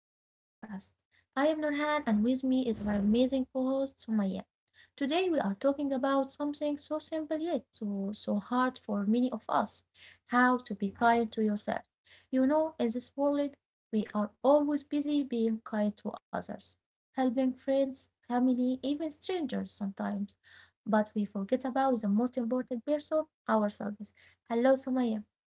to our podcast. I am Nurhan, and with me is my amazing co host, Sumaya. Today, we are talking about something so simple yet so hard for many of us, how to be kind to yourself. You know, in this world, we are always busy being kind to others, helping friends, family, even strangers sometimes. But we forget about the most important person, ourselves. Hello, Sumaya.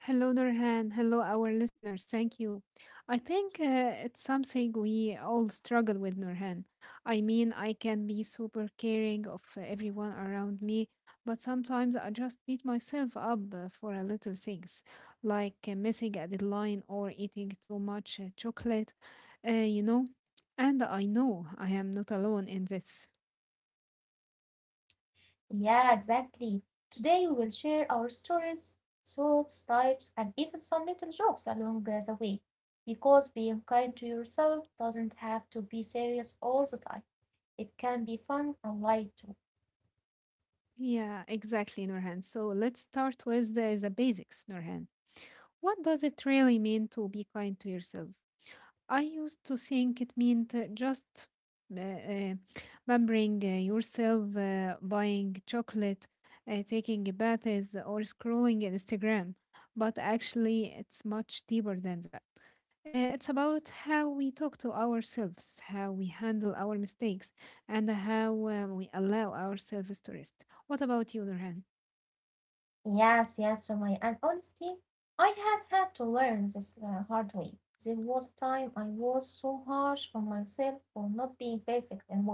Hello, Nurhan. Hello, our listeners. Thank you. I think it's something we all struggle with, Nurhan. I mean, I can be super caring of everyone around me, but sometimes I just beat myself up for a little things, like missing a deadline or eating too much chocolate, uh, you know. And I know I am not alone in this. Yeah, exactly. Today we will share our stories, thoughts, types, and even some little jokes along the way. Because being kind to yourself doesn't have to be serious all the time. It can be fun and light too. Yeah, exactly, Nurhan. So let's start with the basics, Nurhan. What does it really mean to be kind to yourself? I used to think it meant just uh, uh, pampering yourself, buying chocolate, taking baths, or scrolling Instagram. But actually, it's much deeper than that. It's about how we talk to ourselves, how we handle our mistakes, and how we allow ourselves to rest. What about you, Nurhan? Yes, Sumaya. And honestly, I have had to learn this the hard way. There was a time I was so harsh on myself for not being perfect in work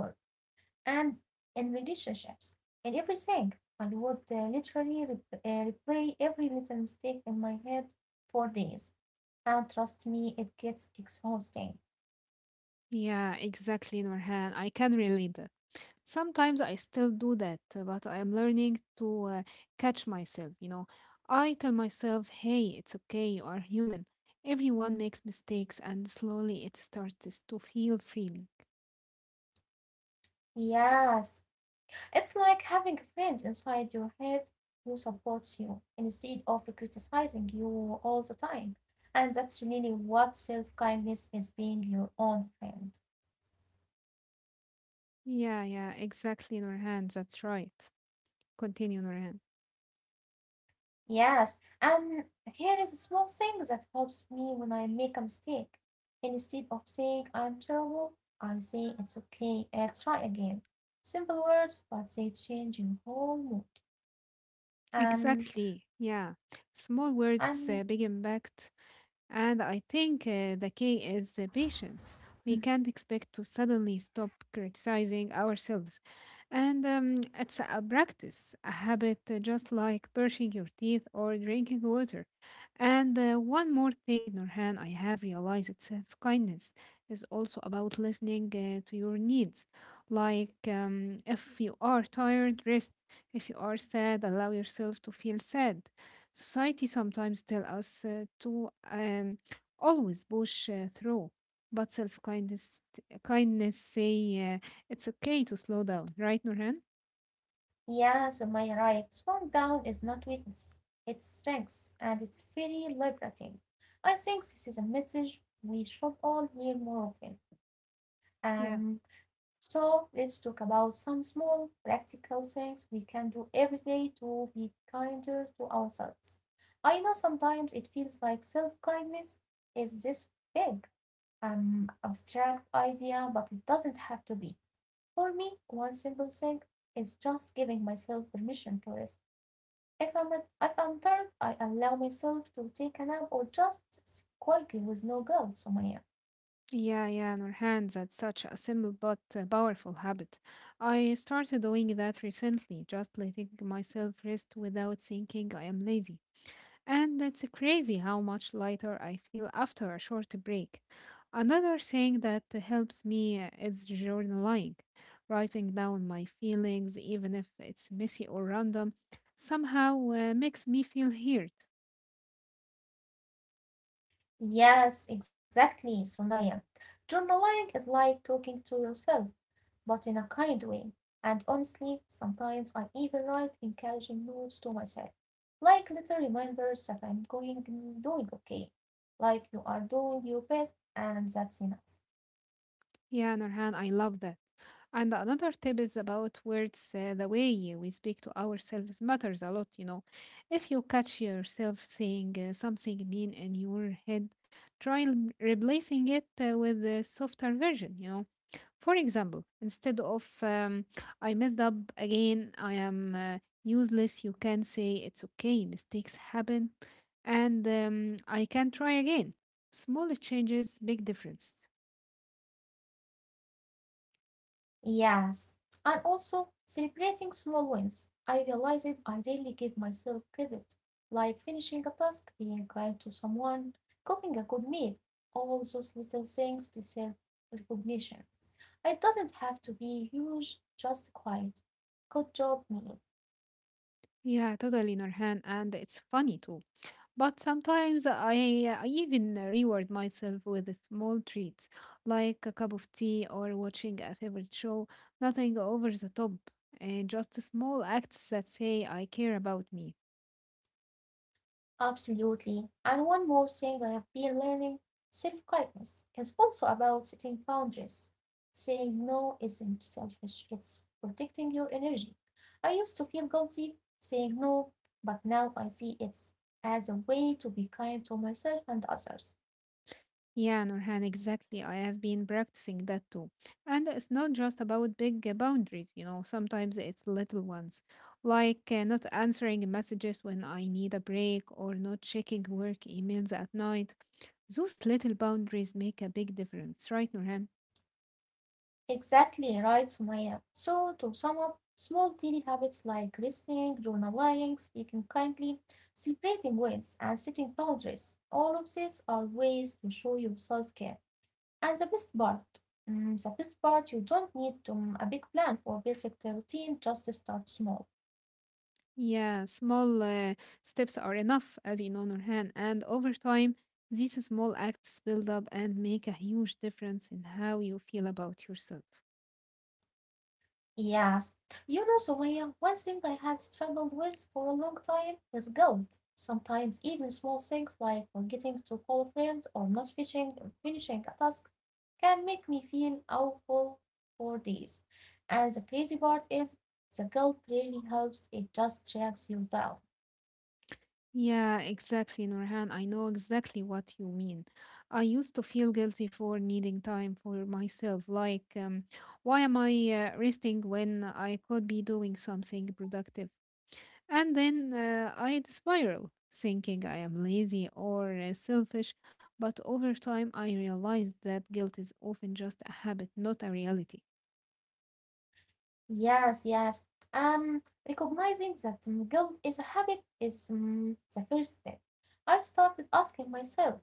and in relationships, in everything. I would literally replay every little mistake in my head for days. And trust me, it gets exhausting. Yeah, exactly, Nurhan. I can relate that. Sometimes I still do that, but I am learning to catch myself, you know. I tell myself, hey, it's okay, you are human. Everyone makes mistakes, and slowly it starts to feel freeing. Yes, it's like having a friend inside your head who supports you instead of criticizing you all the time. And that's really what self kindness is, being your own friend. Yeah, yeah, exactly, Nurhan. That's right. Continue, Nurhan. Yes, and here is a small thing that helps me when I make a mistake. Instead of saying I'm terrible, I say it's okay, I'll try again. Simple words, but they change your whole mood. Um, Exactly, yeah. Small words, and big impact. And I think the key is patience. We can't expect to suddenly stop criticizing ourselves. And it's a practice, a habit, just like brushing your teeth or drinking water. And one more thing, Norhan, I have realized that self kindness is also about listening to your needs. Like if you are tired, rest. If you are sad, allow yourself to feel sad. Society sometimes tell us to always push through, but self kindness kindness say it's okay to slow down, right, Nurhan? yeah, so my right, slowing down is not weakness, it's strength, and it's very liberating. I think this is a message we should all hear more often. Yeah. Um, So let's talk about some small practical things we can do every day to be kinder to ourselves. I know sometimes it feels like self kindness is this big, abstract idea, but it doesn't have to be. For me, one simple thing is just giving myself permission to rest. If I'm, if I'm tired, I allow myself to take a nap or just sit quietly with no guilt, Sumaya. Yeah, yeah, Nurhan, that's such a simple but powerful habit. I started doing that recently, just letting myself rest without thinking I am lazy. And it's crazy how much lighter I feel after a short break. Another thing that helps me is journaling, writing down my feelings, even if it's messy or random, somehow makes me feel heard. Yes, exactly, Sumaya. Journaling is like talking to yourself, but in a kind way. And honestly, sometimes I even write encouraging notes to myself, like little reminders that I'm going doing okay, like you are doing your best, and that's enough. Yeah, Nurhan, I love that. And another tip is about words. The way we speak to ourselves matters a lot, you know. If you catch yourself saying something mean in your head, try replacing it with a softer version, you know. For example, instead of I messed up again, I am useless, you can say it's okay, mistakes happen, and I can try again. Small changes, big difference. Yes, and also celebrating small wins. I realized I rarely give myself credit, like finishing a task, being kind to someone, cooking a good meal. All those little things deserve recognition. It doesn't have to be huge, just quiet. Good job, me. Yeah, totally, Norhan. And it's funny too. But sometimes I even reward myself with small treats, like a cup of tea or watching a favorite show. Nothing over the top, and just small acts that say I care about me. Absolutely. And one more thing I have been learning, self kindness is also about setting boundaries. Saying no isn't selfish, it's protecting your energy. I used to feel guilty saying no, but now I see it as a way to be kind to myself and others. Yeah, Nurhan, exactly. I have been practicing that too. And it's not just about big boundaries, you know, sometimes it's little ones, like not answering messages when I need a break or not checking work emails at night. Those little boundaries make a big difference, right, Nurhan? Exactly right, Sumaya. So, to sum up, small daily habits like listening, journaling, speaking kindly, celebrating wins, and setting boundaries, all of these are ways to show your self care. And the best part, the best part, you don't need a big plan or perfect routine, just start small. Yeah, small steps are enough, as you know, Nurhan. And over time, these small acts build up and make a huge difference in how you feel about yourself. Yes. You know, Sumaya, one thing I have struggled with for a long time is guilt. Sometimes even small things like forgetting to call a friend or not fishing, finishing a task can make me feel awful for days. And the crazy part is the guilt really helps. It just drags you down. Yeah, exactly, Norhan. I know exactly what you mean. I used to feel guilty for needing time for myself. Like, why am I resting when I could be doing something productive? And then I'd spiral, thinking I am lazy or selfish. But over time, I realized that guilt is often just a habit, not a reality. Yes. Um, recognizing that guilt is a habit is the first step. I started asking myself,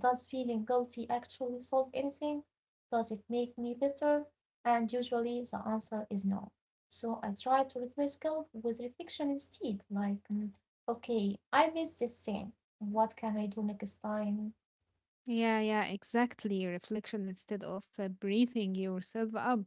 does feeling guilty actually solve anything? Does it make me better? And usually the answer is no. So I try to replace guilt with reflection instead, like, okay, I missed this thing. What can I do next time? Yeah, yeah, exactly. Reflection instead of breathing yourself up.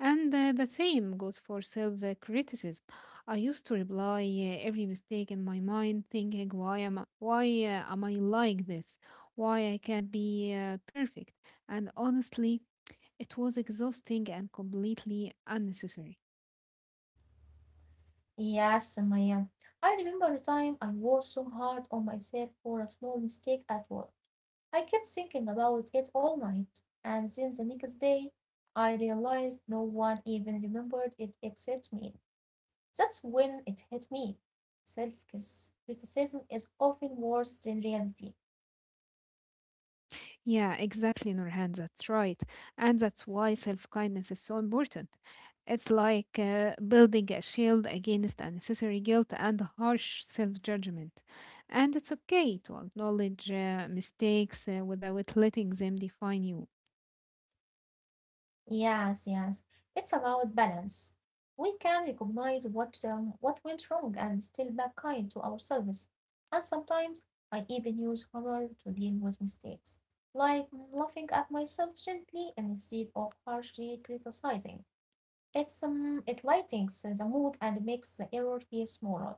And the same goes for self criticism. I used to reply every mistake in my mind, thinking, why am I like this? Why I can't be perfect? And honestly, it was exhausting and completely unnecessary. Yes, Maya. I remember a time I was so hard on myself for a small mistake at work. I kept thinking about it all night, and since the next day, I realized no one even remembered it except me. That's when it hit me. Self criticism is often worse than reality. Yeah, exactly, Nurhan. That's right. And that's why self kindness is so important. It's like building a shield against unnecessary guilt and harsh self judgment. And it's okay to acknowledge mistakes without letting them define you. Yes. It's about balance. We can recognize what went wrong and still back kind to ourselves. And sometimes I even use humor to deal with mistakes, like laughing at myself gently instead of harshly criticizing. It lightens the mood and makes the error feel smaller.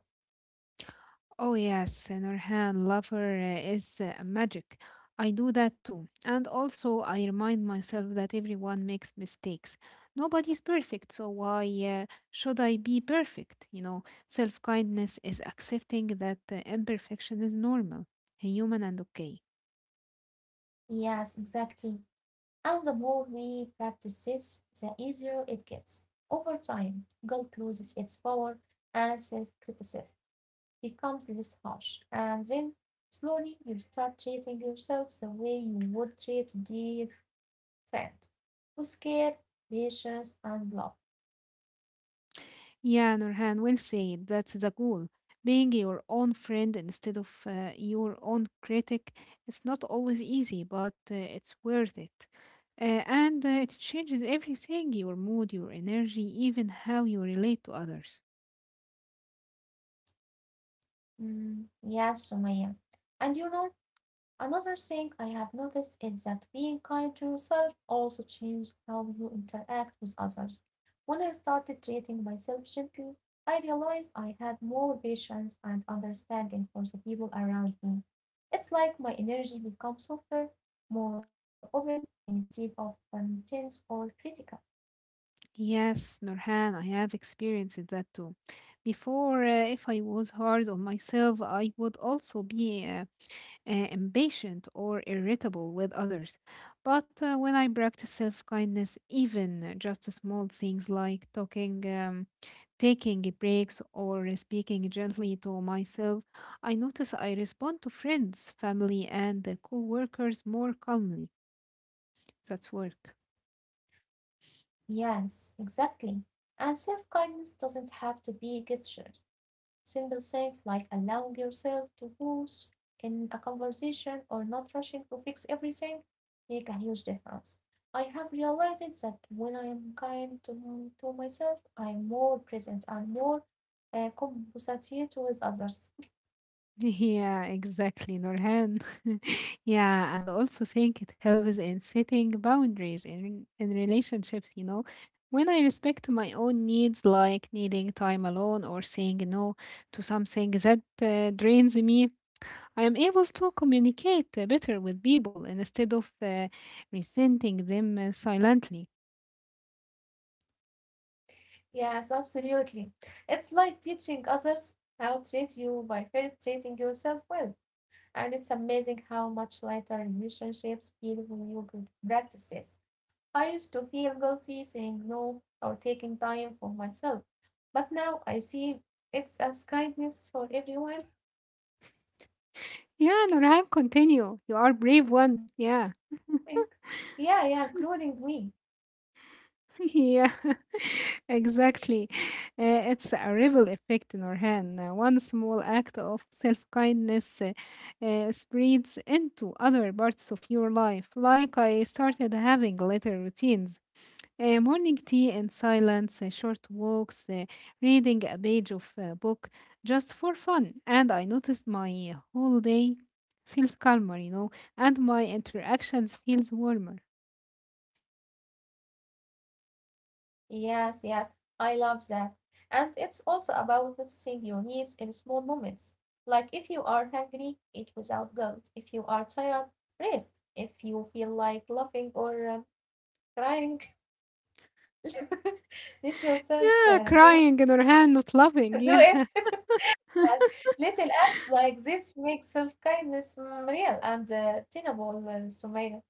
Oh, yes, in her hand, lover is magic. I do that too. And also, I remind myself that everyone makes mistakes. Nobody's perfect, so why should I be perfect? You know, self kindness is accepting that imperfection is normal, eh, human, and okay. Yes, exactly. And the more we practice this, the easier it gets. Over time, guilt loses its power and self criticism becomes less harsh. And then slowly you start treating yourself the way you would treat a dear friend, with care, patience, and love. Yeah, Nurhan, well said. That's the goal. Being your own friend instead of your own critic, it's not always easy, but it's worth it. And it changes everything your mood, your energy, even how you relate to others. Yes, Sumaya. And you know, another thing I have noticed is that being kind to yourself also changes how you interact with others. When I started treating myself gently, I realized I had more patience and understanding for the people around me. It's like my energy becomes softer, more open, instead of intense or critical. Yes, Nurhan, I have experienced that too. Before, if I was hard on myself, I would also be impatient or irritable with others. But when I practice self kindness, even just small things like talking, taking breaks, or speaking gently to myself, I notice I respond to friends, family, and co workers more calmly. That's work. Yes, exactly. And self kindness doesn't have to be gestures. Simple things like allowing yourself to pause in a conversation or not rushing to fix everything make a huge difference. I have realized that when I am kind to myself, I am more present and more compassionate with others. Yeah, exactly, Norhan. Yeah, and I also think it helps in setting boundaries in relationships, you know. When I respect my own needs, like needing time alone or saying no to something that drains me, I am able to communicate better with people instead of resenting them silently. Yes, absolutely. It's like teaching others how to treat you by first treating yourself well. And it's amazing how much lighter relationships feel when you practice this. I used to feel guilty saying no or taking time for myself, but now I see it's as kindness for everyone. Yeah, Norhan, continue. You are brave one. Yeah. And yeah, including me. Yeah, exactly. It's a ripple effect, Norhan. One small act of self-kindness spreads into other parts of your life. Like I started having later routines, morning tea in silence, short walks, reading a page of a book just for fun. And I noticed my whole day feels calmer, you know, and my interactions feels warmer. Yes, I love that. And it's also about noticing your needs in small moments. Like if you are hungry, eat without guilt. If you are tired, rest. If you feel like laughing or crying, let yourself uh, Yeah, do crying, Nurhan, not loving. do it. Yeah. Yes. Little acts like this make self-kindness real and attainable, Sumaya.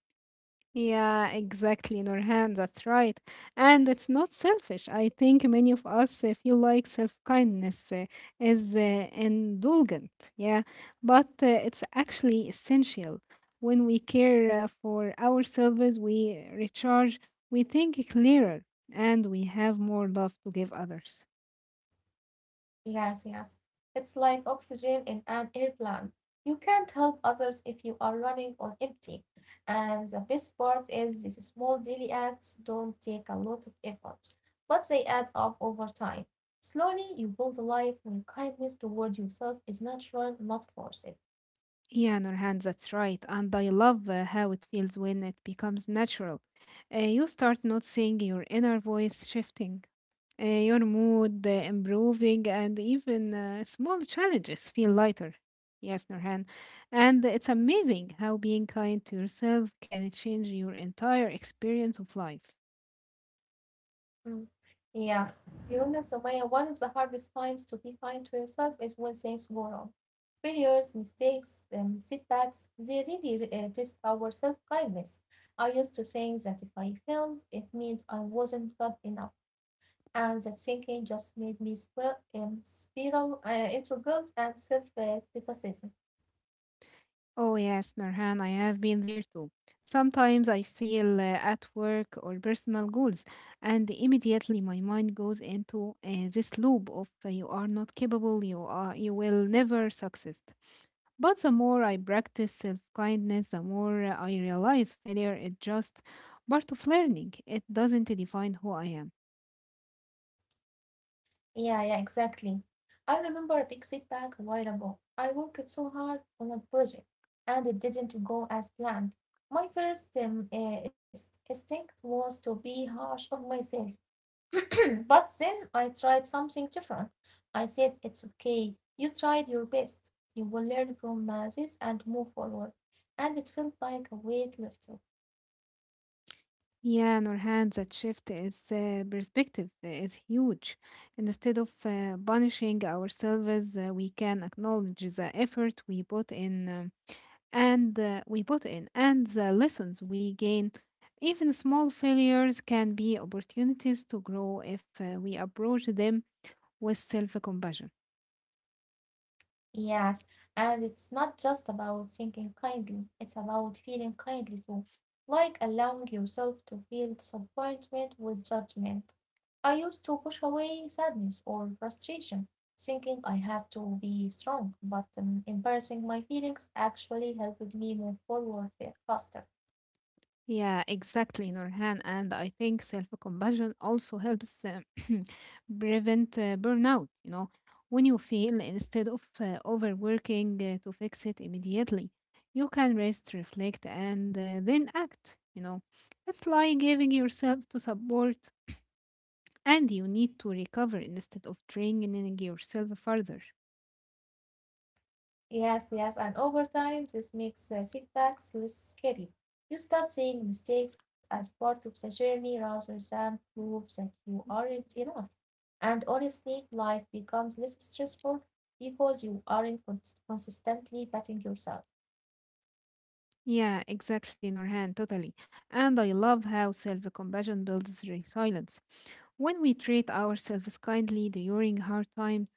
Yeah, exactly, Nurhan. That's right. And it's not selfish. I think many of us feel like self kindness is indulgent. Yeah, but it's actually essential. When we care for ourselves, we recharge, we think clearer, and we have more love to give others. Yes. It's like oxygen in an airplane. You can't help others if you are running on empty. And the best part is these small daily acts don't take a lot of effort, but they add up over time. Slowly, you build a life where kindness toward yourself is natural, not forced. Yeah, Nurhan, that's right. And I love how it feels when it becomes natural. You start noticing your inner voice shifting, your mood improving, and even small challenges feel lighter. Yes, Nurhan. And it's amazing how being kind to yourself can change your entire experience of life. Mm, Yeah, you know, Sumaya, one of the hardest times to be kind to yourself is when things go wrong. Failures, mistakes, setbacks, they really test our self kindness. I used to think that if I failed, it meant I wasn't good enough. And that thinking just made me spiral into guilt and self criticism. Oh, yes, Nurhan, I have been there too. Sometimes I feel at work or personal goals, and immediately my mind goes into this loop of you are not capable, you are, you will never succeed. But the more I practice self-kindness, the more I realize failure is just part of learning. It doesn't define who I am. Yeah, exactly. I remember a big setback a while ago. I worked so hard on a project and it didn't go as planned. My first instinct was to be harsh on myself. But then I tried something different. I said, it's okay. You tried your best. You will learn from this and move forward. And it felt like a weight lifted. Yeah, Nurhan, that shift is perspective is huge. And instead of punishing ourselves, we can acknowledge the effort we put in and we put in and the lessons we gain. Even small failures can be opportunities to grow if we approach them with self-compassion. Yes, and it's not just about thinking kindly, it's about feeling kindly too, like allowing yourself to feel disappointment with judgment. I used to push away sadness or frustration, thinking I had to be strong, but embracing my feelings actually helped me move forward faster. Yeah, exactly, Nurhan. And I think self-compassion also helps prevent burnout. You know, when you feel, instead of overworking to fix it immediately, you can rest, reflect, and then act. You know, it's like giving yourself to support, and you need to recover instead of draining yourself further. Yes, and over time this makes setbacks less scary. You start seeing mistakes as part of the journey rather than proof that you aren't enough. And honestly, life becomes less stressful because you aren't consistently patting yourself. Yeah, exactly, Norhan, totally. And I love how self compassion builds resilience. When we treat ourselves kindly during hard times,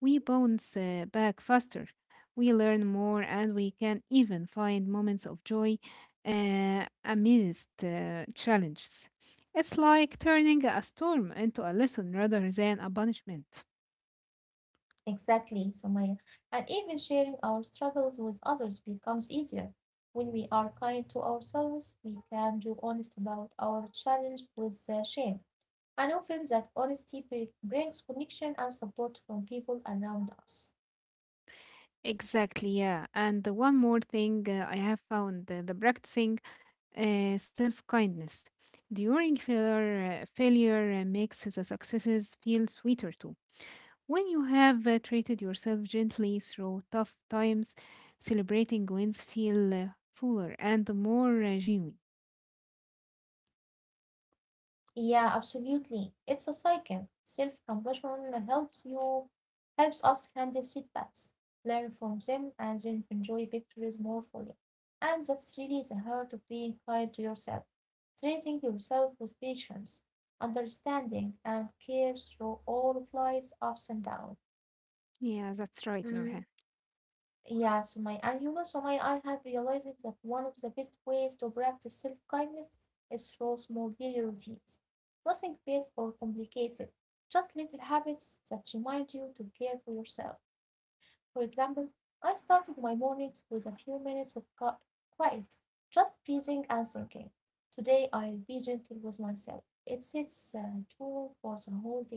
we bounce back faster, we learn more, and we can even find moments of joy amidst challenges. It's like turning a storm into a lesson rather than a punishment. Exactly, Sumaya. And even sharing our struggles with others becomes easier. When we are kind to ourselves, we can be honest about our challenge with shame. And often that honesty brings connection and support from people around us. Exactly, yeah. And the one more thing I have found the practicing self kindness during failure makes the successes feel sweeter too. When you have treated yourself gently through tough times, celebrating wins feel fuller and more genuine. Yeah, absolutely. It's a cycle. Self-compassion helps us handle setbacks, learn from them, and then enjoy victories more fully. And that's really the heart of being kind to yourself, treating yourself with patience, understanding, and care through all of life's ups and downs. Yeah, that's right, Mm. Nurhan. Yeah, Sumaya, and you know, Sumaya, I have realized that one of the best ways to practice self-kindness is through small daily routines. Nothing big or complicated, just little habits that remind you to care for yourself. For example, I started my mornings with a few minutes of quiet, just breathing and thinking. Today I'll be gentle with myself. It sets a tone for the whole day.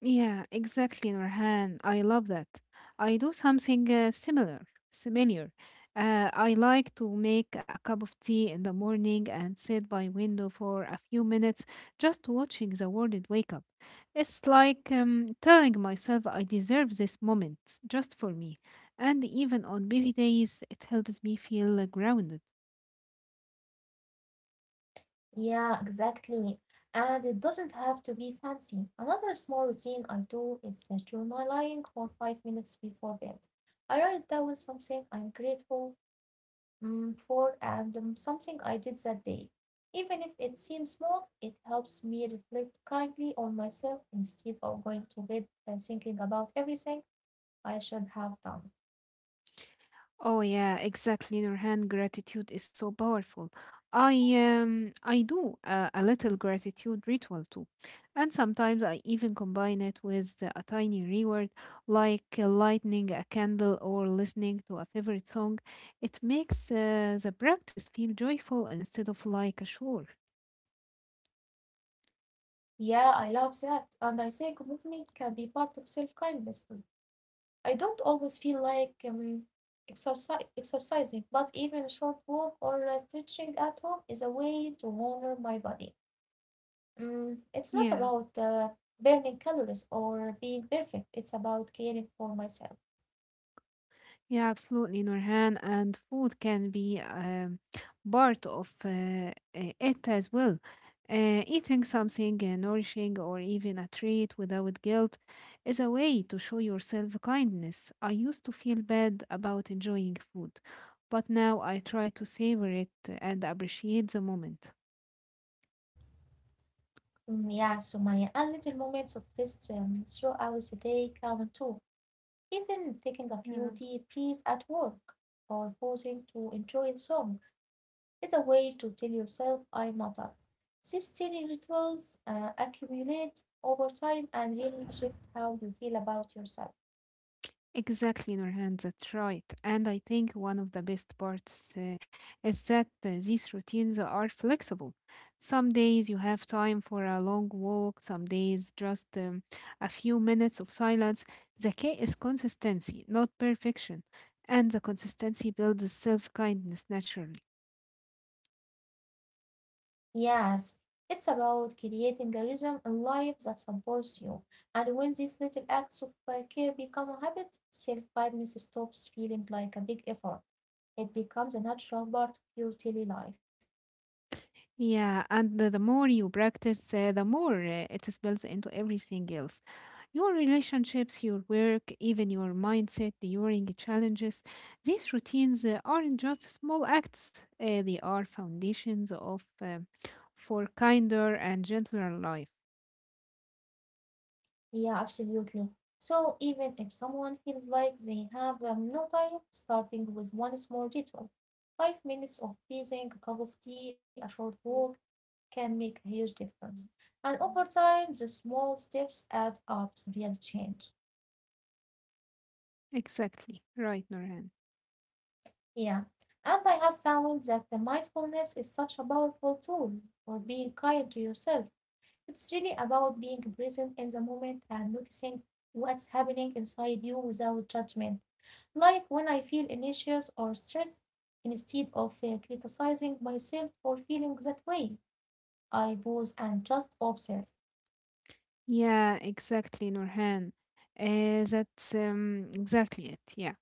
Yeah, exactly, Nurhan. I love that. I do something similar. I like to make a cup of tea in the morning and sit by window for a few minutes, just watching the world wake up. It's like telling myself I deserve this moment just for me. And even on busy days, it helps me feel grounded. Yeah, exactly. And it doesn't have to be fancy. Another small routine I do is journaling for 5 minutes before bed. I write down something I'm grateful for and something I did that day. Even if it seems small, it helps me reflect kindly on myself instead of going to bed and thinking about everything I should have done. Oh yeah, exactly. Nurhan, gratitude is so powerful. I do a little gratitude ritual too, and sometimes I even combine it with a tiny reward, like lighting a candle or listening to a favorite song. It makes the practice feel joyful instead of like a chore. Yeah, I love that. And I think movement can be part of self-kindness too. I don't always feel like exercising, but even a short walk or stretching at home is a way to honor my body. It's not Yeah. about burning calories or being perfect, it's about caring for myself. Yeah, absolutely, Nurhan. And food can be part of it as well. Eating something nourishing or even a treat without guilt is a way to show yourself kindness. I used to feel bad about enjoying food, but now I try to savor it and appreciate the moment. Mm, yeah, so my and little moments of rest throughout the day count too. Even taking a Yeah. few deep breaths at work or pausing to enjoy the sun is a way to tell yourself I matter. These tiny rituals accumulate over time and really shift how you feel about yourself. Exactly, Nurhan, that's right. And I think one of the best parts is that these routines are flexible. Some days you have time for a long walk, some days just a few minutes of silence. The key is consistency, not perfection. And the consistency builds self kindness naturally. Yes, it's about creating a rhythm in life that supports you. And when these little acts of care become a habit, self kindness stops feeling like a big effort. It becomes a natural part of your daily life. Yeah, and the more you practice, the more it spills into everything else. Your relationships, your work, even your mindset during challenges. These routines aren't just small acts, they are foundations of for kinder and gentler life. Yeah, absolutely. So even if someone feels like they have no time, starting with one small ritual, 5 minutes of breathing, a cup of tea, a short walk, can make a huge difference. Mm. And over time, the small steps add up to real change. Exactly. Right, Norhan. Yeah. And I have found that the mindfulness is such a powerful tool for being kind to yourself. It's really about being present in the moment and noticing what's happening inside you without judgment. Like when I feel anxious or stressed, instead of criticizing myself for feeling that way, I pause and just observe. Yeah, exactly, Norhan. That's exactly it. Yeah.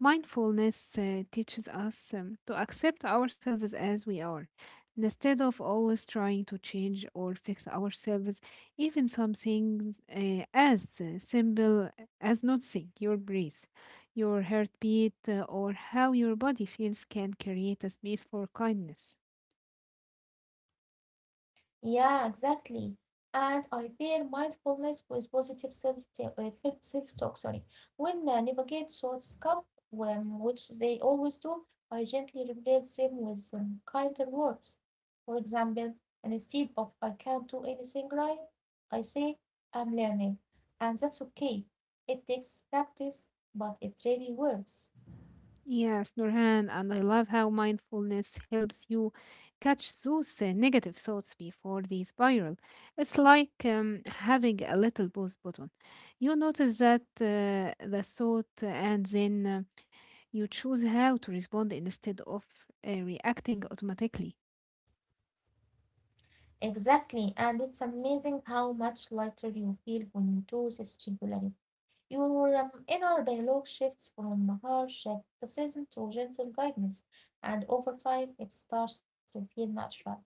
Mindfulness teaches us to accept ourselves as we are instead of always trying to change or fix ourselves, even some things as simple as noticing your breath, your heartbeat, or how your body feels can create a space for kindness. Yeah, exactly. And I pair mindfulness with positive self talk. Sorry, when navigate thoughts come, which they always do, I gently replace them with kinder words. For example, instead of "I can't do anything right," I say "I'm learning," and that's okay. It takes practice, but it really works. Yes, Nurhan, and I love how mindfulness helps you catch those negative thoughts before they spiral. It's like having a little pause button. You notice that the thought, and then you choose how to respond instead of reacting automatically. Exactly, and it's amazing how much lighter you feel when you do this regularly. Your inner dialogue shifts from harsh criticism to gentle guidance, and over time it starts to feel natural.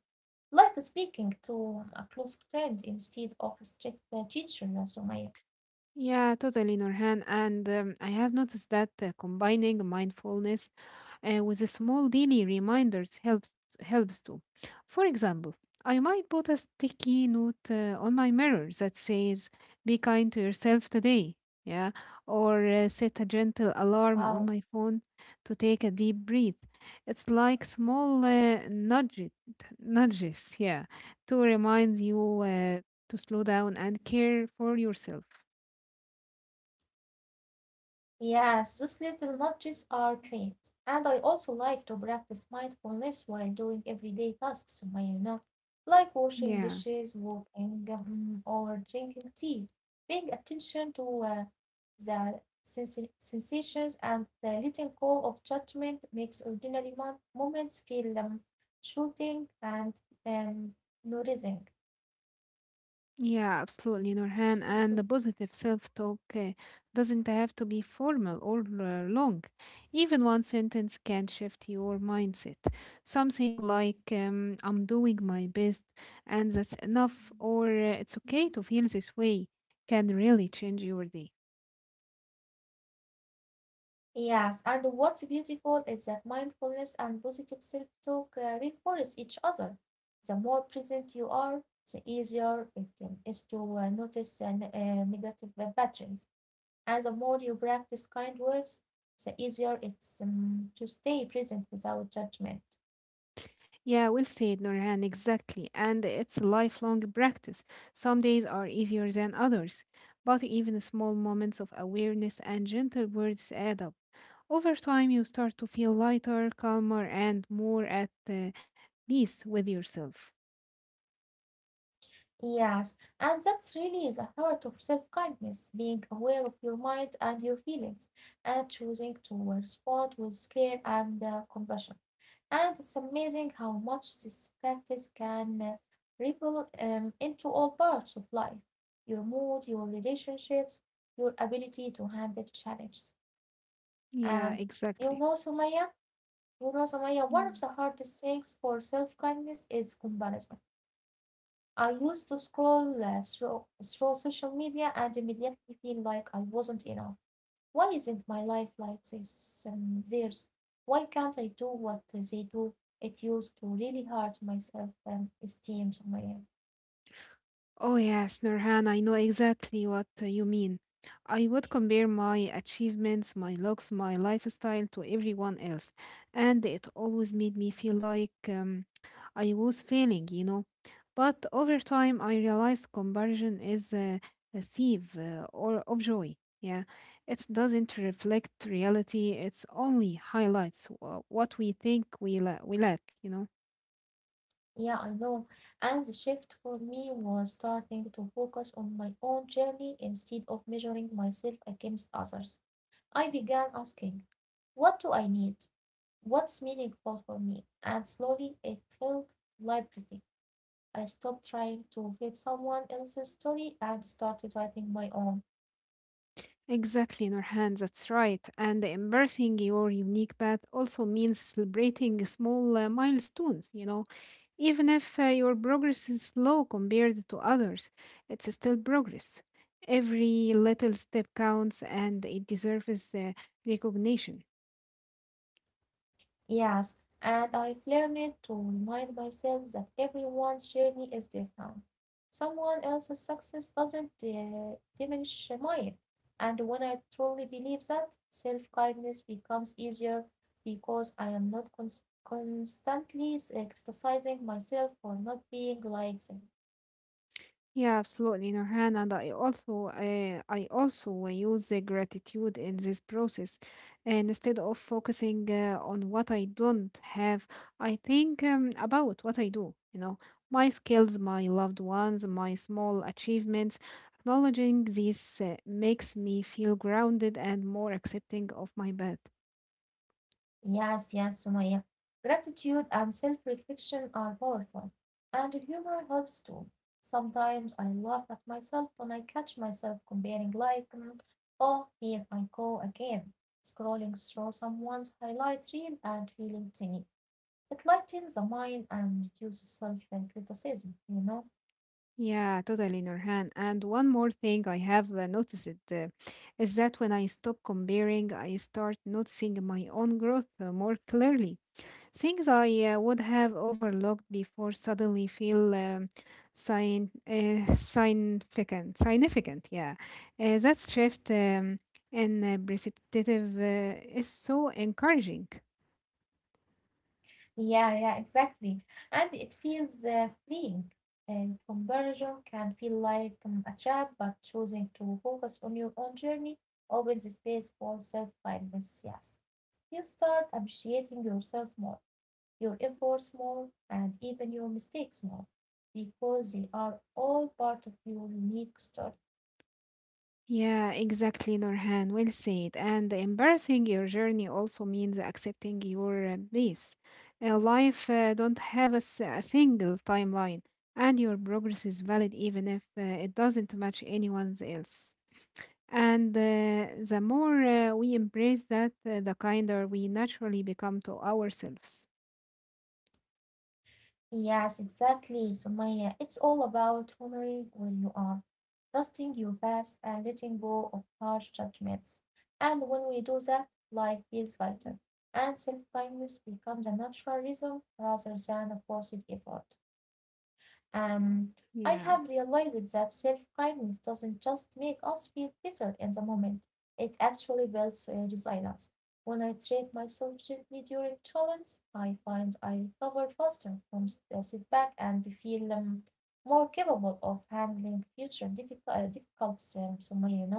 Like speaking to a close friend instead of a strict teacher, Sumaya. Yeah, totally, Norhan. And I have noticed that combining mindfulness with a small daily reminders helps too. For example, I might put a sticky note on my mirror that says "Be kind to yourself today." Yeah, or set a gentle alarm on Wow. my phone to take a deep breath. It's like small nudges, yeah, to remind you to slow down and care for yourself. Yes, those little nudges are great. And I also like to practice mindfulness while doing everyday tasks, Sumaya, you know, like washing Yeah, dishes, walking, or drinking tea. Paying attention to the sensations and the letting go of judgment makes ordinary moments feel shooting and um, nourishing. yeah, absolutely, Nurhan. And the positive self-talk doesn't have to be formal or long. Even one sentence can shift your mindset. Something like, I'm doing my best and that's enough, or it's okay to feel this way, can really change your day. Yes, and what's beautiful is that mindfulness and positive self talk reinforce each other. The more present you are, the easier it is to notice negative patterns. And the more you practice kind words, the easier it's to stay present without judgment. Yeah, well said, Nurhan, exactly. And it's a lifelong practice. Some days are easier than others, but even small moments of awareness and gentle words add up. Over time, you start to feel lighter, calmer, and more at peace with yourself. Yes, and that's really the heart of self kindness being aware of your mind and your feelings and choosing to respond with care and compassion. And it's amazing how much this practice can ripple into all parts of life your mood, your relationships, your ability to handle challenges. Yeah, And you exactly. know, Sumaya, you know, Samaya, one of Yeah. the hardest things for self kindness is comparison. I used to scroll through social media and immediately feel like I wasn't enough. Why isn't my life like this, theirs? Why can't I do what they do? It used to really hurt my self esteem, Samaya. Oh, yes, Nurhan, I know exactly what you mean. I would compare my achievements, my looks, my lifestyle to everyone else, and it always made me feel like I was failing, you know. But over time, I realized comparison is a sieve or of joy. Yeah, it doesn't reflect reality. It's only highlights what we think we lack, you know. Yeah, I know. And the shift for me was starting to focus on my own journey instead of measuring myself against others. I began asking, what do I need? What's meaningful for me? And slowly it felt liberating. I stopped trying to fit someone else's story and started writing my own. Exactly, Nurhan, that's right. And embracing your unique path also means celebrating small milestones, you know, even if your progress is slow compared to others, it's still progress. Every little step counts and it deserves recognition. Yes, and I've learned to remind myself that everyone's journey is different. Someone else's success doesn't diminish mine. And when I truly believe that, self kindness becomes easier because I am not constantly criticizing myself for not being like them. Yeah, absolutely, Nurhan. And I also use the gratitude in this process. And instead of focusing on what I don't have, I think about what I do. You know, my skills, my loved ones, my small achievements. Acknowledging these makes me feel grounded and more accepting of my path. Yes, yes, Sumaya. Gratitude and self-reflection are powerful, and humor helps too. Sometimes I laugh at myself when I catch myself comparing like, mm, oh, here I go again, scrolling through someone's highlight reel and feeling tinny. It lightens the mind and reduces self-criticism, you know. Yeah, totally, Nurhan. And one more thing I have noticed is that when I stop comparing, I start noticing my own growth more clearly. Things I would have overlooked before suddenly feel significant. Significant, yeah. That shift in perspective is so encouraging. Yeah, yeah, exactly. And it feels freeing. And conversion can feel like a trap, but choosing to focus on your own journey opens space for self-kindness. Yes. You start appreciating yourself more, your efforts more, and even your mistakes more, because they are all part of your unique story. Yeah, exactly, Norhan. Well said. And embarrassing your journey also means accepting your pace. Life don't have a single timeline, and your progress is valid even if it doesn't match anyone's else. And the more we embrace that, the kinder we naturally become to ourselves. Yes, exactly, Sumaya. It's all about honoring where you are, trusting your past, and letting go of harsh judgments. And when we do that, life feels lighter, and self kindness becomes a natural rhythm rather than a forced effort. Um, I Yeah, have realized that self kindness doesn't just make us feel better in the moment, it actually builds resilience. When I treat myself gently during challenge, I find I recover faster from the setback and feel more capable of handling future difficult so my, you know.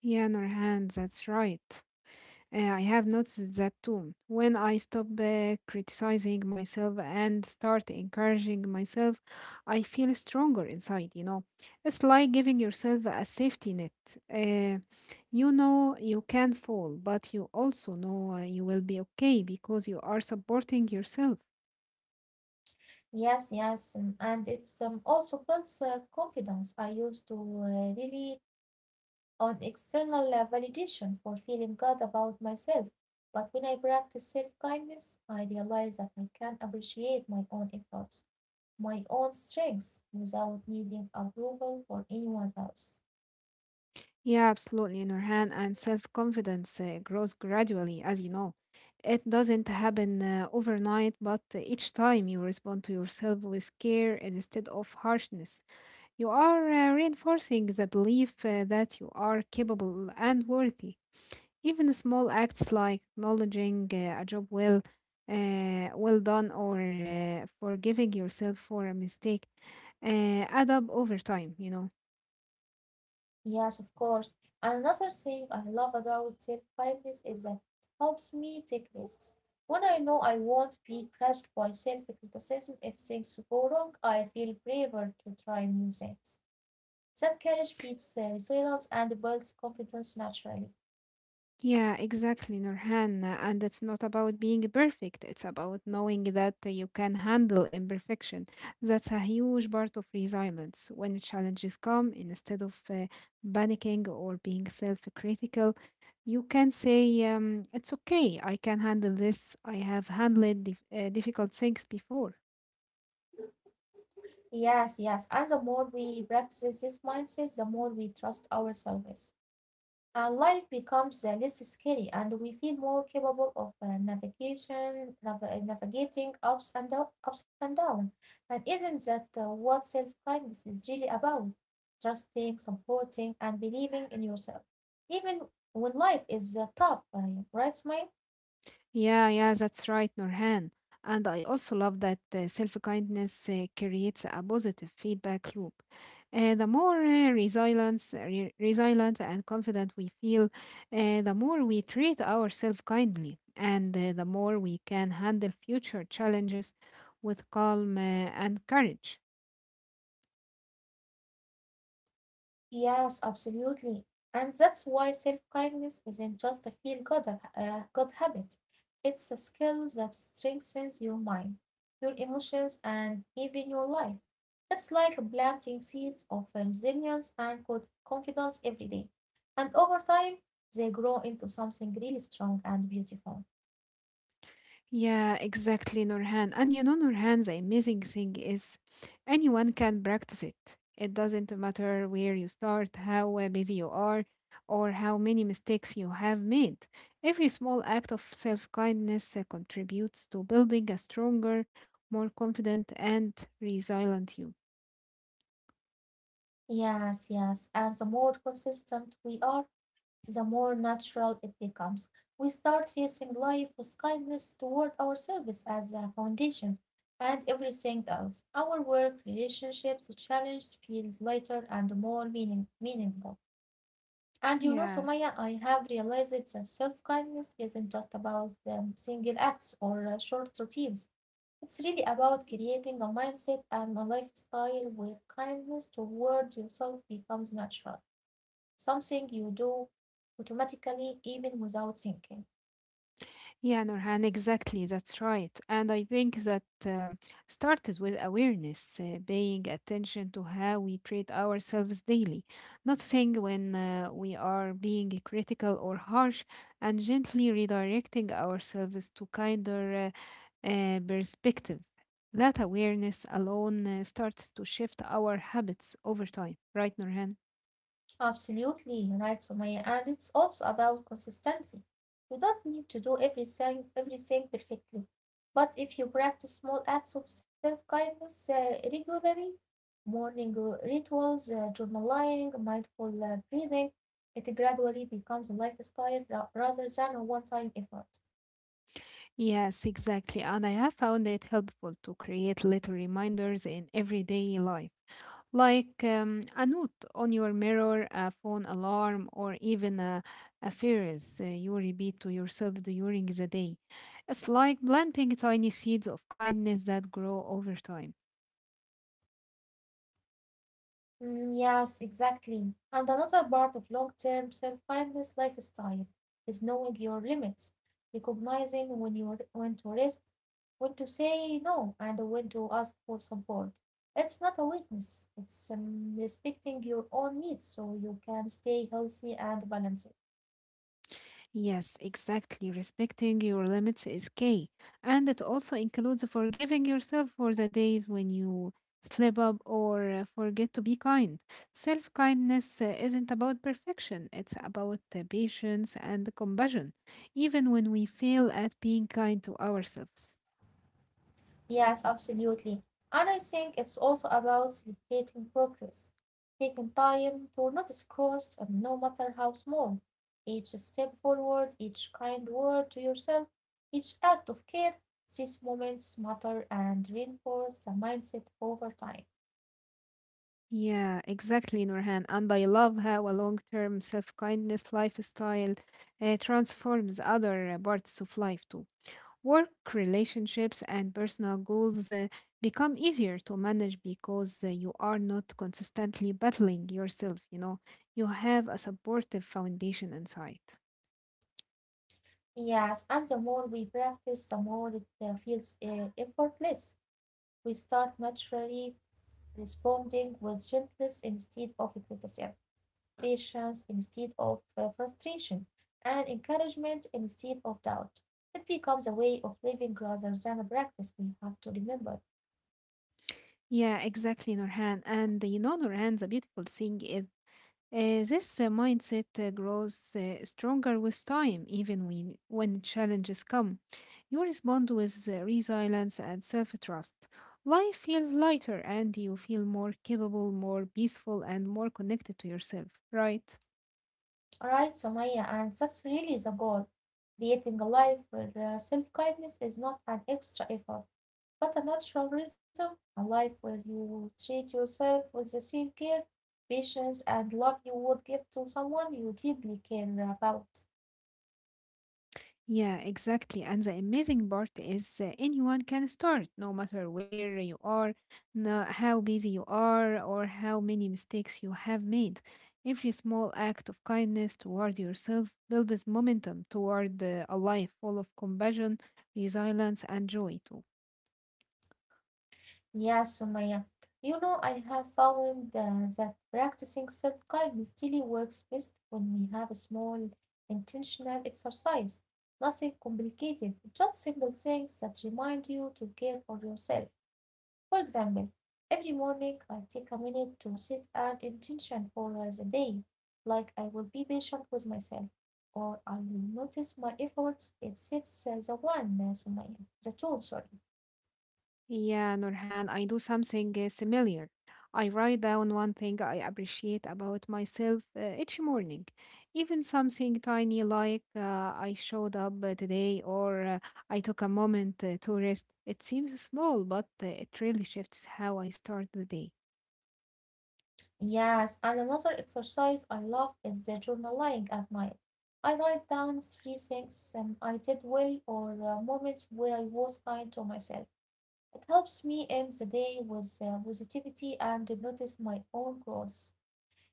yeah, Norhan, that's right. I have noticed that too. When I stop criticizing myself and start encouraging myself, I feel stronger inside, you know. It's like giving yourself a safety net. Uh, you know you can fall, but you also know you will be okay because you are supporting yourself. Yes, yes, and it's also builds confidence. I used to really on external validation for feeling good about myself, but when I practice self kindness, I realize that I can appreciate my own efforts, my own strengths, without needing approval from anyone else. Yeah, absolutely, Nurhan. And self confidence grows gradually, as you know. It doesn't happen overnight, but each time you respond to yourself with care instead of harshness, you are reinforcing the belief that you are capable and worthy. Even small acts like acknowledging well done, or forgiving yourself for a mistake uh, add up over time, you know. Yes, of course. Another thing I love about self kindness is that it helps me take risks. When I know I won't be crushed by self criticism if things go wrong, I feel braver to try new things. That courage feeds resilience and builds confidence naturally. Yeah, exactly, Nurhan. And it's not about being perfect, it's about knowing that you can handle imperfection. That's a huge part of resilience. When challenges come, instead of panicking or being self critical, you can say, it's okay, I can handle this. I have handled difficult things before. Yes, yes. And the more we practice this mindset, the more we trust ourselves. And life becomes less scary and we feel more capable of navigating ups and down, ups and down. And isn't that what self kindness is really about? Trusting, supporting, and believing in yourself. Even when life is tough, right, Sumaya? Yeah, yeah, that's right, Nurhan. And I also love that self kindness creates a positive feedback loop. The more resilient and confident we feel, the more we treat ourselves kindly, and the more we can handle future challenges with calm and courage. Yes, absolutely. And that's why self-kindness isn't just a feel-good good habit. It's a skill that strengthens your mind, your emotions, and even your life. It's like planting seeds of resilience and good confidence every day. And over time, they grow into something really strong and beautiful. Yeah, exactly, Nurhan. And you know, Nurhan, the amazing thing is anyone can practice it. It doesn't matter where you start, how busy you are, or how many mistakes you have made. Every small act of self kindness contributes to building a stronger, more confident, and resilient you. Yes, yes. And the more consistent we are, the more natural it becomes. We start facing life with kindness toward ourselves as a foundation and everything else. Our work, relationships, challenge feels lighter and more meaningful. And you know, Yeah, Sumaya, I have realized that self kindness isn't just about single acts or short routines. It's really about creating a mindset and a lifestyle where kindness toward yourself becomes natural something you do automatically even without thinking. Yeah, Nurhan, exactly. That's right. And I think that started with awareness, paying attention to how we treat ourselves daily, not saying when we are being critical or harsh, and gently redirecting ourselves to kinder perspective. That awareness alone starts to shift our habits over time, right, Nurhan? Absolutely, you're right, Sumaya. And it's also about consistency. You don't need to do everything perfectly. But if you practice small acts of self kindness regularly, morning rituals, journaling, mindful breathing, it gradually becomes a lifestyle rather than a one time effort. Yes, exactly. And I have found it helpful to create little reminders in everyday life like a note on your mirror, a phone alarm, or even a phrase you repeat to yourself during the day. It's like planting tiny seeds of kindness that grow over time. Mm, yes, exactly. And another part of long-term self-kindness lifestyle is knowing your limits, recognizing when to rest, when to say no, and when to ask for support. It's not a weakness. It's respecting your own needs so you can stay healthy and balanced. Yes, exactly. Respecting your limits is key. And it also includes forgiving yourself for the days when you slip up or forget to be kind. Self kindness isn't about perfection, it's about patience and compassion, even when we fail at being kind to ourselves. Yes, absolutely. And I think it's also about celebrating progress, taking time to notice growth, and no matter how small, each step forward, each kind word to yourself, each act of care, these moments matter and reinforce the mindset over time. Yeah, exactly, Nurhan. And I love how a long term self kindness lifestyle transforms other parts of life too. Work relationships and personal goals become easier to manage because you are not consistently battling yourself, you know. You have a supportive foundation inside. Yes, and the more we practice, the more it feels effortless. We start naturally responding with gentleness instead of criticism. Patience instead of frustration, and encouragement instead of doubt. It becomes a way of living rather than a practice we have to remember. Yeah, exactly, Nurhan. And you know, Nurhan, the beautiful thing is this mindset grows stronger with time, even when challenges come. You respond with resilience and self trust. Life feels lighter, and you feel more capable, more peaceful, and more connected to yourself, right? All right, Somaya, and that's really the goal creating a life where self kindness is not an extra effort, but a natural rhythm, a life where you treat yourself with the same care, patience, and love you would give to someone you deeply care about. Yeah, exactly. And the amazing part is anyone can start, no matter where you are, no, how busy you are, or how many mistakes you have made. Every small act of kindness toward yourself builds momentum toward a life full of compassion, resilience, and joy, too. Yeah, Sumaya. You know, I have found that practicing self-kindness daily works best when we have a small, intentional exercise. Nothing complicated, just simple things that remind you to care for yourself. For example, every morning I take a minute to set an intention for the day, like I will be patient with myself, or I will notice my efforts. It sets Sumaya, the tone, sorry. Yeah, Nurhan, I do something similar. I write down one thing I appreciate about myself each morning, even something tiny like I showed up today or I took a moment to rest. It seems small, but it really shifts how I start the day. Yes, and another exercise I love is the journaling at night. I write down three things I did well or moments where I was kind to myself. It helps me end the day with positivity and notice my own growth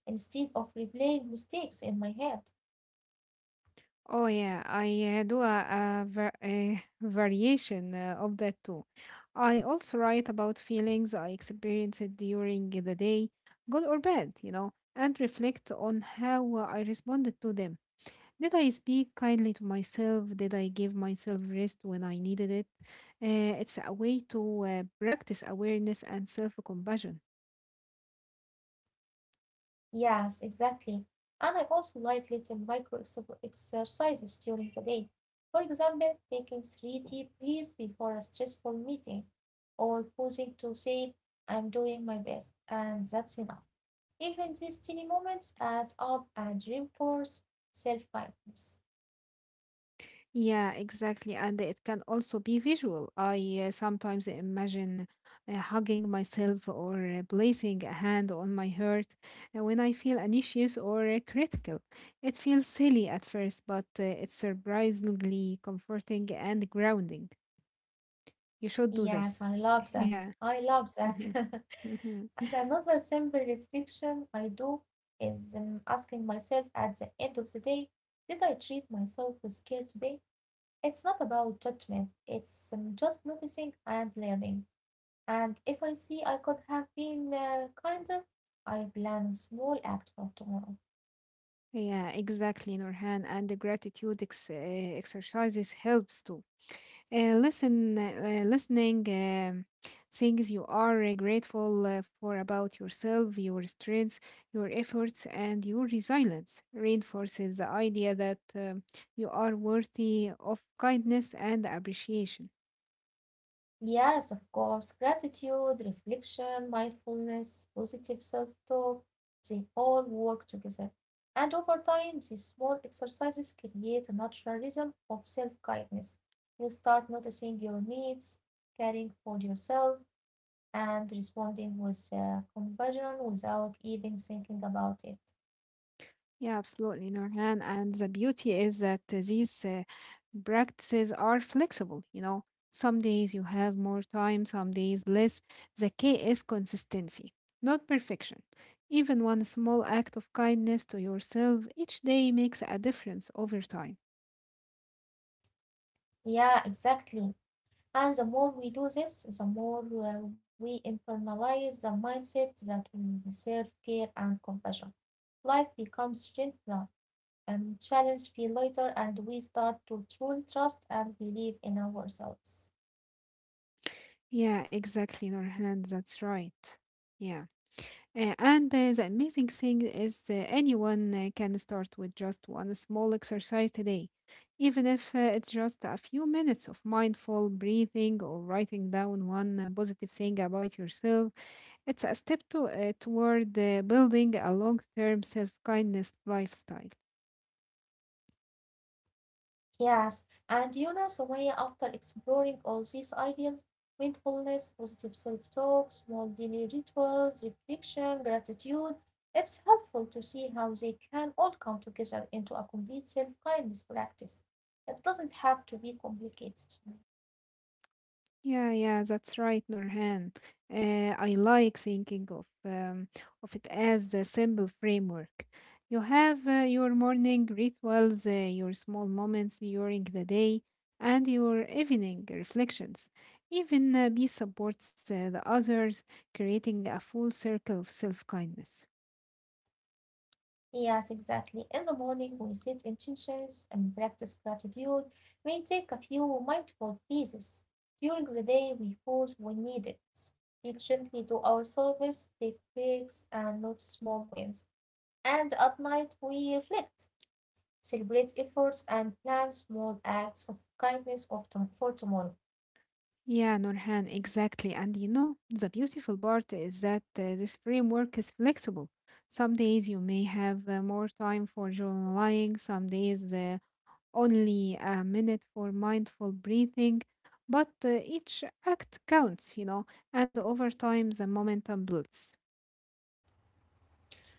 instead of replaying mistakes in my head. Oh yeah, I do a variation of that too. I also write about feelings I experienced during the day, good or bad, you know, and reflect on how I responded to them. Did I speak kindly to myself? Did I give myself rest when I needed it? It's a way to practice awareness and self compassion. Yes, exactly. And I also like little exercises during the day. For example, taking three deep breaths before a stressful meeting or pausing to say, I'm doing my best, and that's enough. Even these tiny moments add up and reinforce self-kindness. Yeah, exactly. And it can also be visual. I sometimes imagine hugging myself or placing a hand on my heart when I feel anxious or critical. It feels silly at first, but it's surprisingly comforting and grounding. You should do Yes, this. I love that. Yeah. I love that. Mhm. And another simple reflection I do is asking myself at the end of the day, did I treat myself with care today? It's not about judgment, it's just noticing and learning. And if I see I could have been kinder, I plan a small act for tomorrow. Yeah, exactly, Nurhan. And the gratitude exercises helps too. Listening things you are grateful for about yourself, your strengths, your efforts and your resilience reinforces the idea that you are worthy of kindness and appreciation. Yes, of course. Gratitude, reflection, mindfulness, positive self-talk, they all work together. And over time, these small exercises create a natural rhythm of self-kindness. You start noticing your needs, caring for yourself, and responding with compassion without even thinking about it. Yeah, absolutely, Nurhan. And the beauty is that these practices are flexible. You know, some days you have more time, some days less. The key is consistency, not perfection. Even one small act of kindness to yourself each day makes a difference over time. Yeah, exactly. And the more we do this, the more we internalize the mindset that we deserve care and compassion. Life becomes gentler, and challenges feel lighter, and we start to truly trust and believe in ourselves. Yeah, exactly, Nurhan. That's right. Yeah. And the amazing thing is, anyone can start with just one small exercise today, even if it's just a few minutes of mindful breathing or writing down one positive thing about yourself. It's a step toward building a long term self kindness lifestyle. Yes, and you know, Sumaya, after exploring all these ideas, mindfulness, positive self talk, small daily rituals, reflection, gratitude, it's helpful to see how they can all come together into a complete self kindness practice. It doesn't have to be complicated. Yeah, that's right, Norhan. I like thinking of it as a simple framework. You have your morning rituals, your small moments during the day, and your evening reflections. Even B supports the others, creating a full circle of self kindness. Yes, exactly. In the morning, we set intentions and practice gratitude. We take a few mindful pieces. During the day, we pause when needed, speak gently to ourselves, take breaks, and note small wins. And at night, we reflect, celebrate efforts, and plan small acts of kindness of for tomorrow. Yeah, Nurhan, exactly. And you know, the beautiful part is that this framework is flexible. Some days you may have more time for journaling, some days only a minute for mindful breathing, but each act counts, you know, and over time the momentum builds.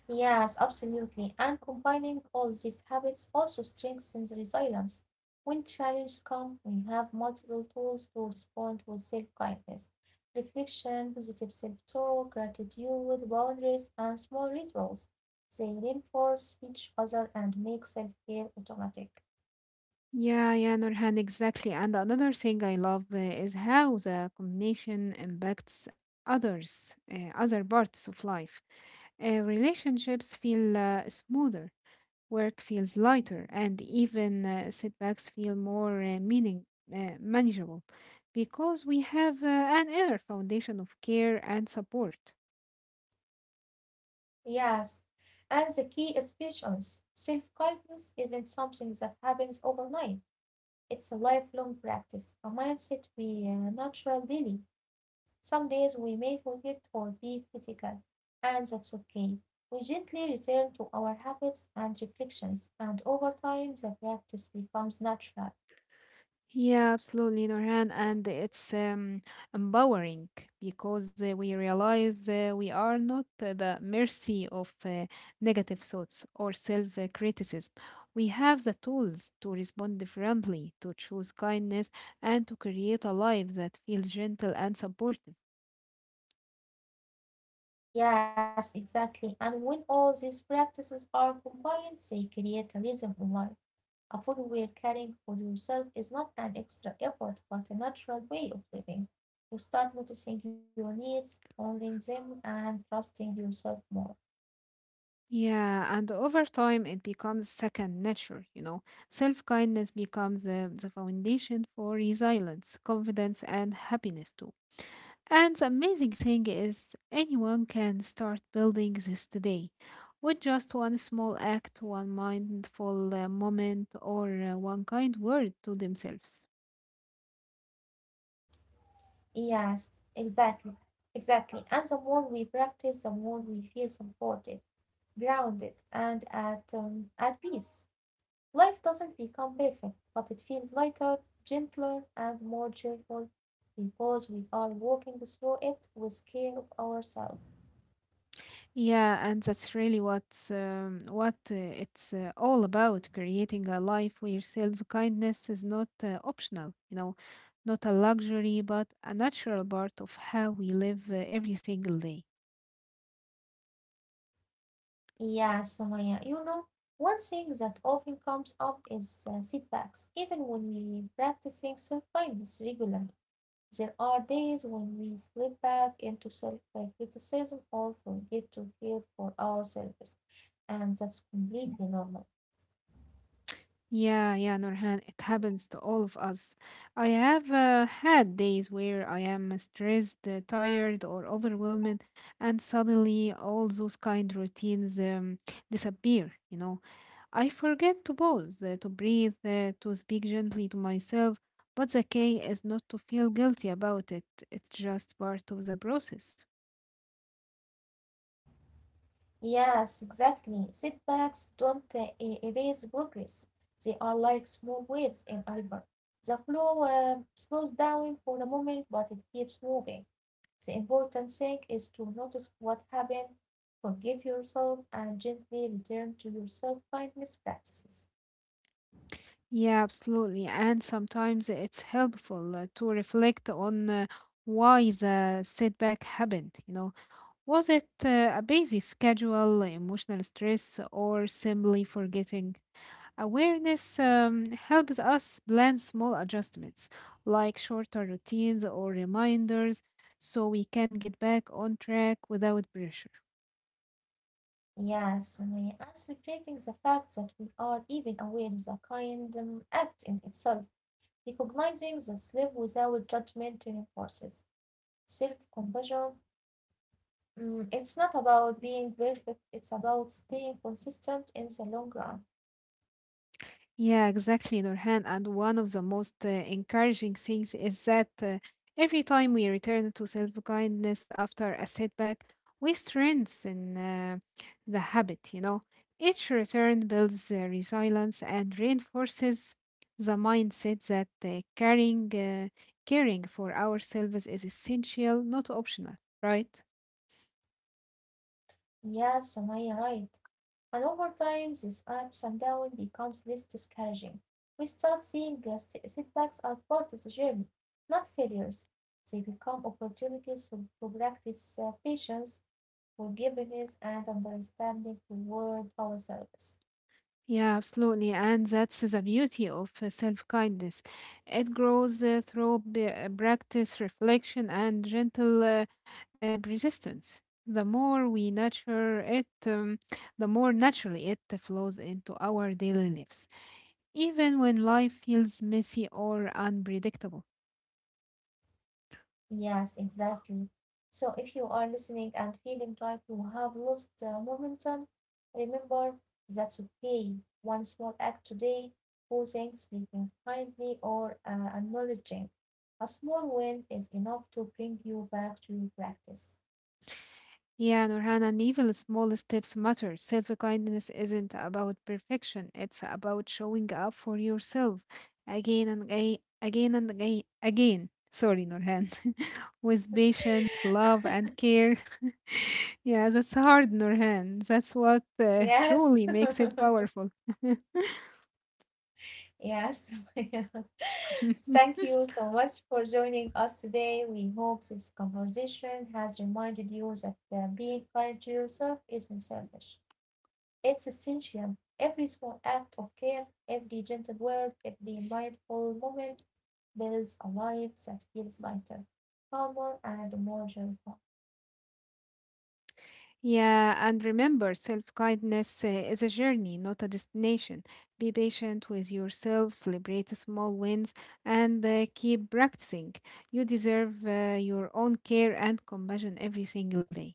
Yes, absolutely. And combining all these habits also strengthens resilience. When challenges come, we have multiple tools to respond with self-kindness, reflection, positive self-talk, gratitude, boundaries, and small rituals. They reinforce each other and make self-care automatic. Yeah, Nurhan, exactly. And another thing I love is how the combination impacts others, other parts of life. Relationships feel smoother, work feels lighter, and even setbacks feel more meaning manageable because we have an inner foundation of care and support. Yes, and the key is patience. Self-kindness isn't something that happens overnight. It's a lifelong practice, a mindset we naturally daily. Some days we may forget or be critical, and that's okay. We gently return to our habits and reflections, and over time the practice becomes natural. Yeah, absolutely, Norhan. And it's empowering because we realize we are not the mercy of negative thoughts or self criticism. We have the tools to respond differently, to choose kindness, and to create a life that feels gentle and supportive. Yes, exactly. And when all these practices are combined, they create a rhythm in life. A full where caring for yourself is not an extra effort, but a natural way of living. You start noticing your needs, honoring them, and trusting yourself more. Yeah, and over time, it becomes second nature, you know. Self kindness becomes the foundation for resilience, confidence, and happiness too. And the amazing thing is, anyone can start building this today with just one small act, one mindful moment, or one kind word to themselves. Yes, exactly, exactly. And the more we practice, the more we feel supported, grounded, and at peace. Life doesn't become perfect, but it feels lighter, gentler, and more joyful because we are walking through it with care of ourselves. Yeah, and that's really what it's all about, creating a life where self-kindness is not optional, you know, not a luxury, but a natural part of how we live every single day. Yes, Samaya, you know, one thing that often comes up is setbacks, even when we practicing self-kindness regularly. There are days when we slip back into self criticism or forget to care for ourselves, and that's completely normal. Yeah, Nurhan, it happens to all of us. I have had days where I am stressed, tired, or overwhelmed, and suddenly all those kind routines disappear. You know, I forget to pause, to breathe, to speak gently to myself. But the key is not to feel guilty about it. It's just part of the process. Yes, exactly. Setbacks don't erase progress, they are like small waves in a river. The flow slows down for a moment, but it keeps moving. The important thing is to notice what happened, forgive yourself, and gently return to your self kindness practices. Yeah, absolutely. And sometimes it's helpful to reflect on why the setback happened. You know, was it a busy schedule, emotional stress, or simply forgetting? Awareness helps us plan small adjustments, like shorter routines or reminders, so we can get back on track without pressure. Yeah, so my. And celebrating the fact that we are even aware is a kind act in itself, recognizing that love without judgment reinforces self compassion. Mm, it's not about being perfect, it's about staying consistent in the long run. Yeah, exactly, Nurhan. And one of the most encouraging things is that every time we return to self-kindness after a setback, we strengthen the habit, you know. Each return builds resilience and reinforces the mindset that caring for ourselves is essential, not optional, right? Yeah, Sumaya, right. And over time, this ups and downs becomes less discouraging. We start seeing the setbacks as part of the journey, not failures. They become opportunities to practice patience, forgiveness, and understanding toward ourselves. Yeah, absolutely. And that's the beauty of self kindness. It grows through practice, reflection, and gentle persistence. The more we nurture it, the more naturally it flows into our daily lives, even when life feels messy or unpredictable. Yes, exactly. So if you are listening and feeling like you have lost momentum, remember that's okay. One small act today, pausing, speaking kindly, or acknowledging a small win is enough to bring you back to your practice. Yeah, Nurhan, and even the smallest steps matter. Self kindness isn't about perfection, it's about showing up for yourself again and again, again and again, again. Sorry, Nurhan. With patience, love, and care. Yeah, that's hard, Nurhan. That's what Yes. truly makes it powerful. Yes. Thank you so much for joining us today. We hope this conversation has reminded you that being kind to yourself isn't selfish. It's essential. Every small act of care, every gentle word, every mindful moment builds a life that feels lighter, calmer, and more joyful. Yeah, and remember, self-kindness is a journey, not a destination. Be patient with yourself, celebrate the small wins, and keep practicing. You deserve your own care and compassion every single day.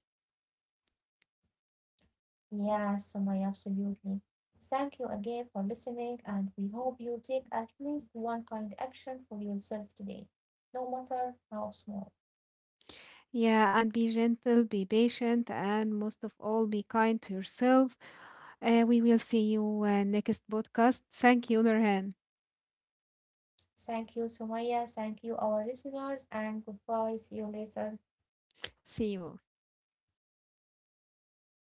Yes, Sumaya, absolutely. Thank you again for listening, and we hope you take at least one kind action for yourself today, no matter how small. Yeah, and be gentle, be patient, and most of all, be kind to yourself. We will see you next podcast. Thank you, Nurhan. Thank you, Sumaya. Thank you, our listeners, and goodbye. See you later. See you.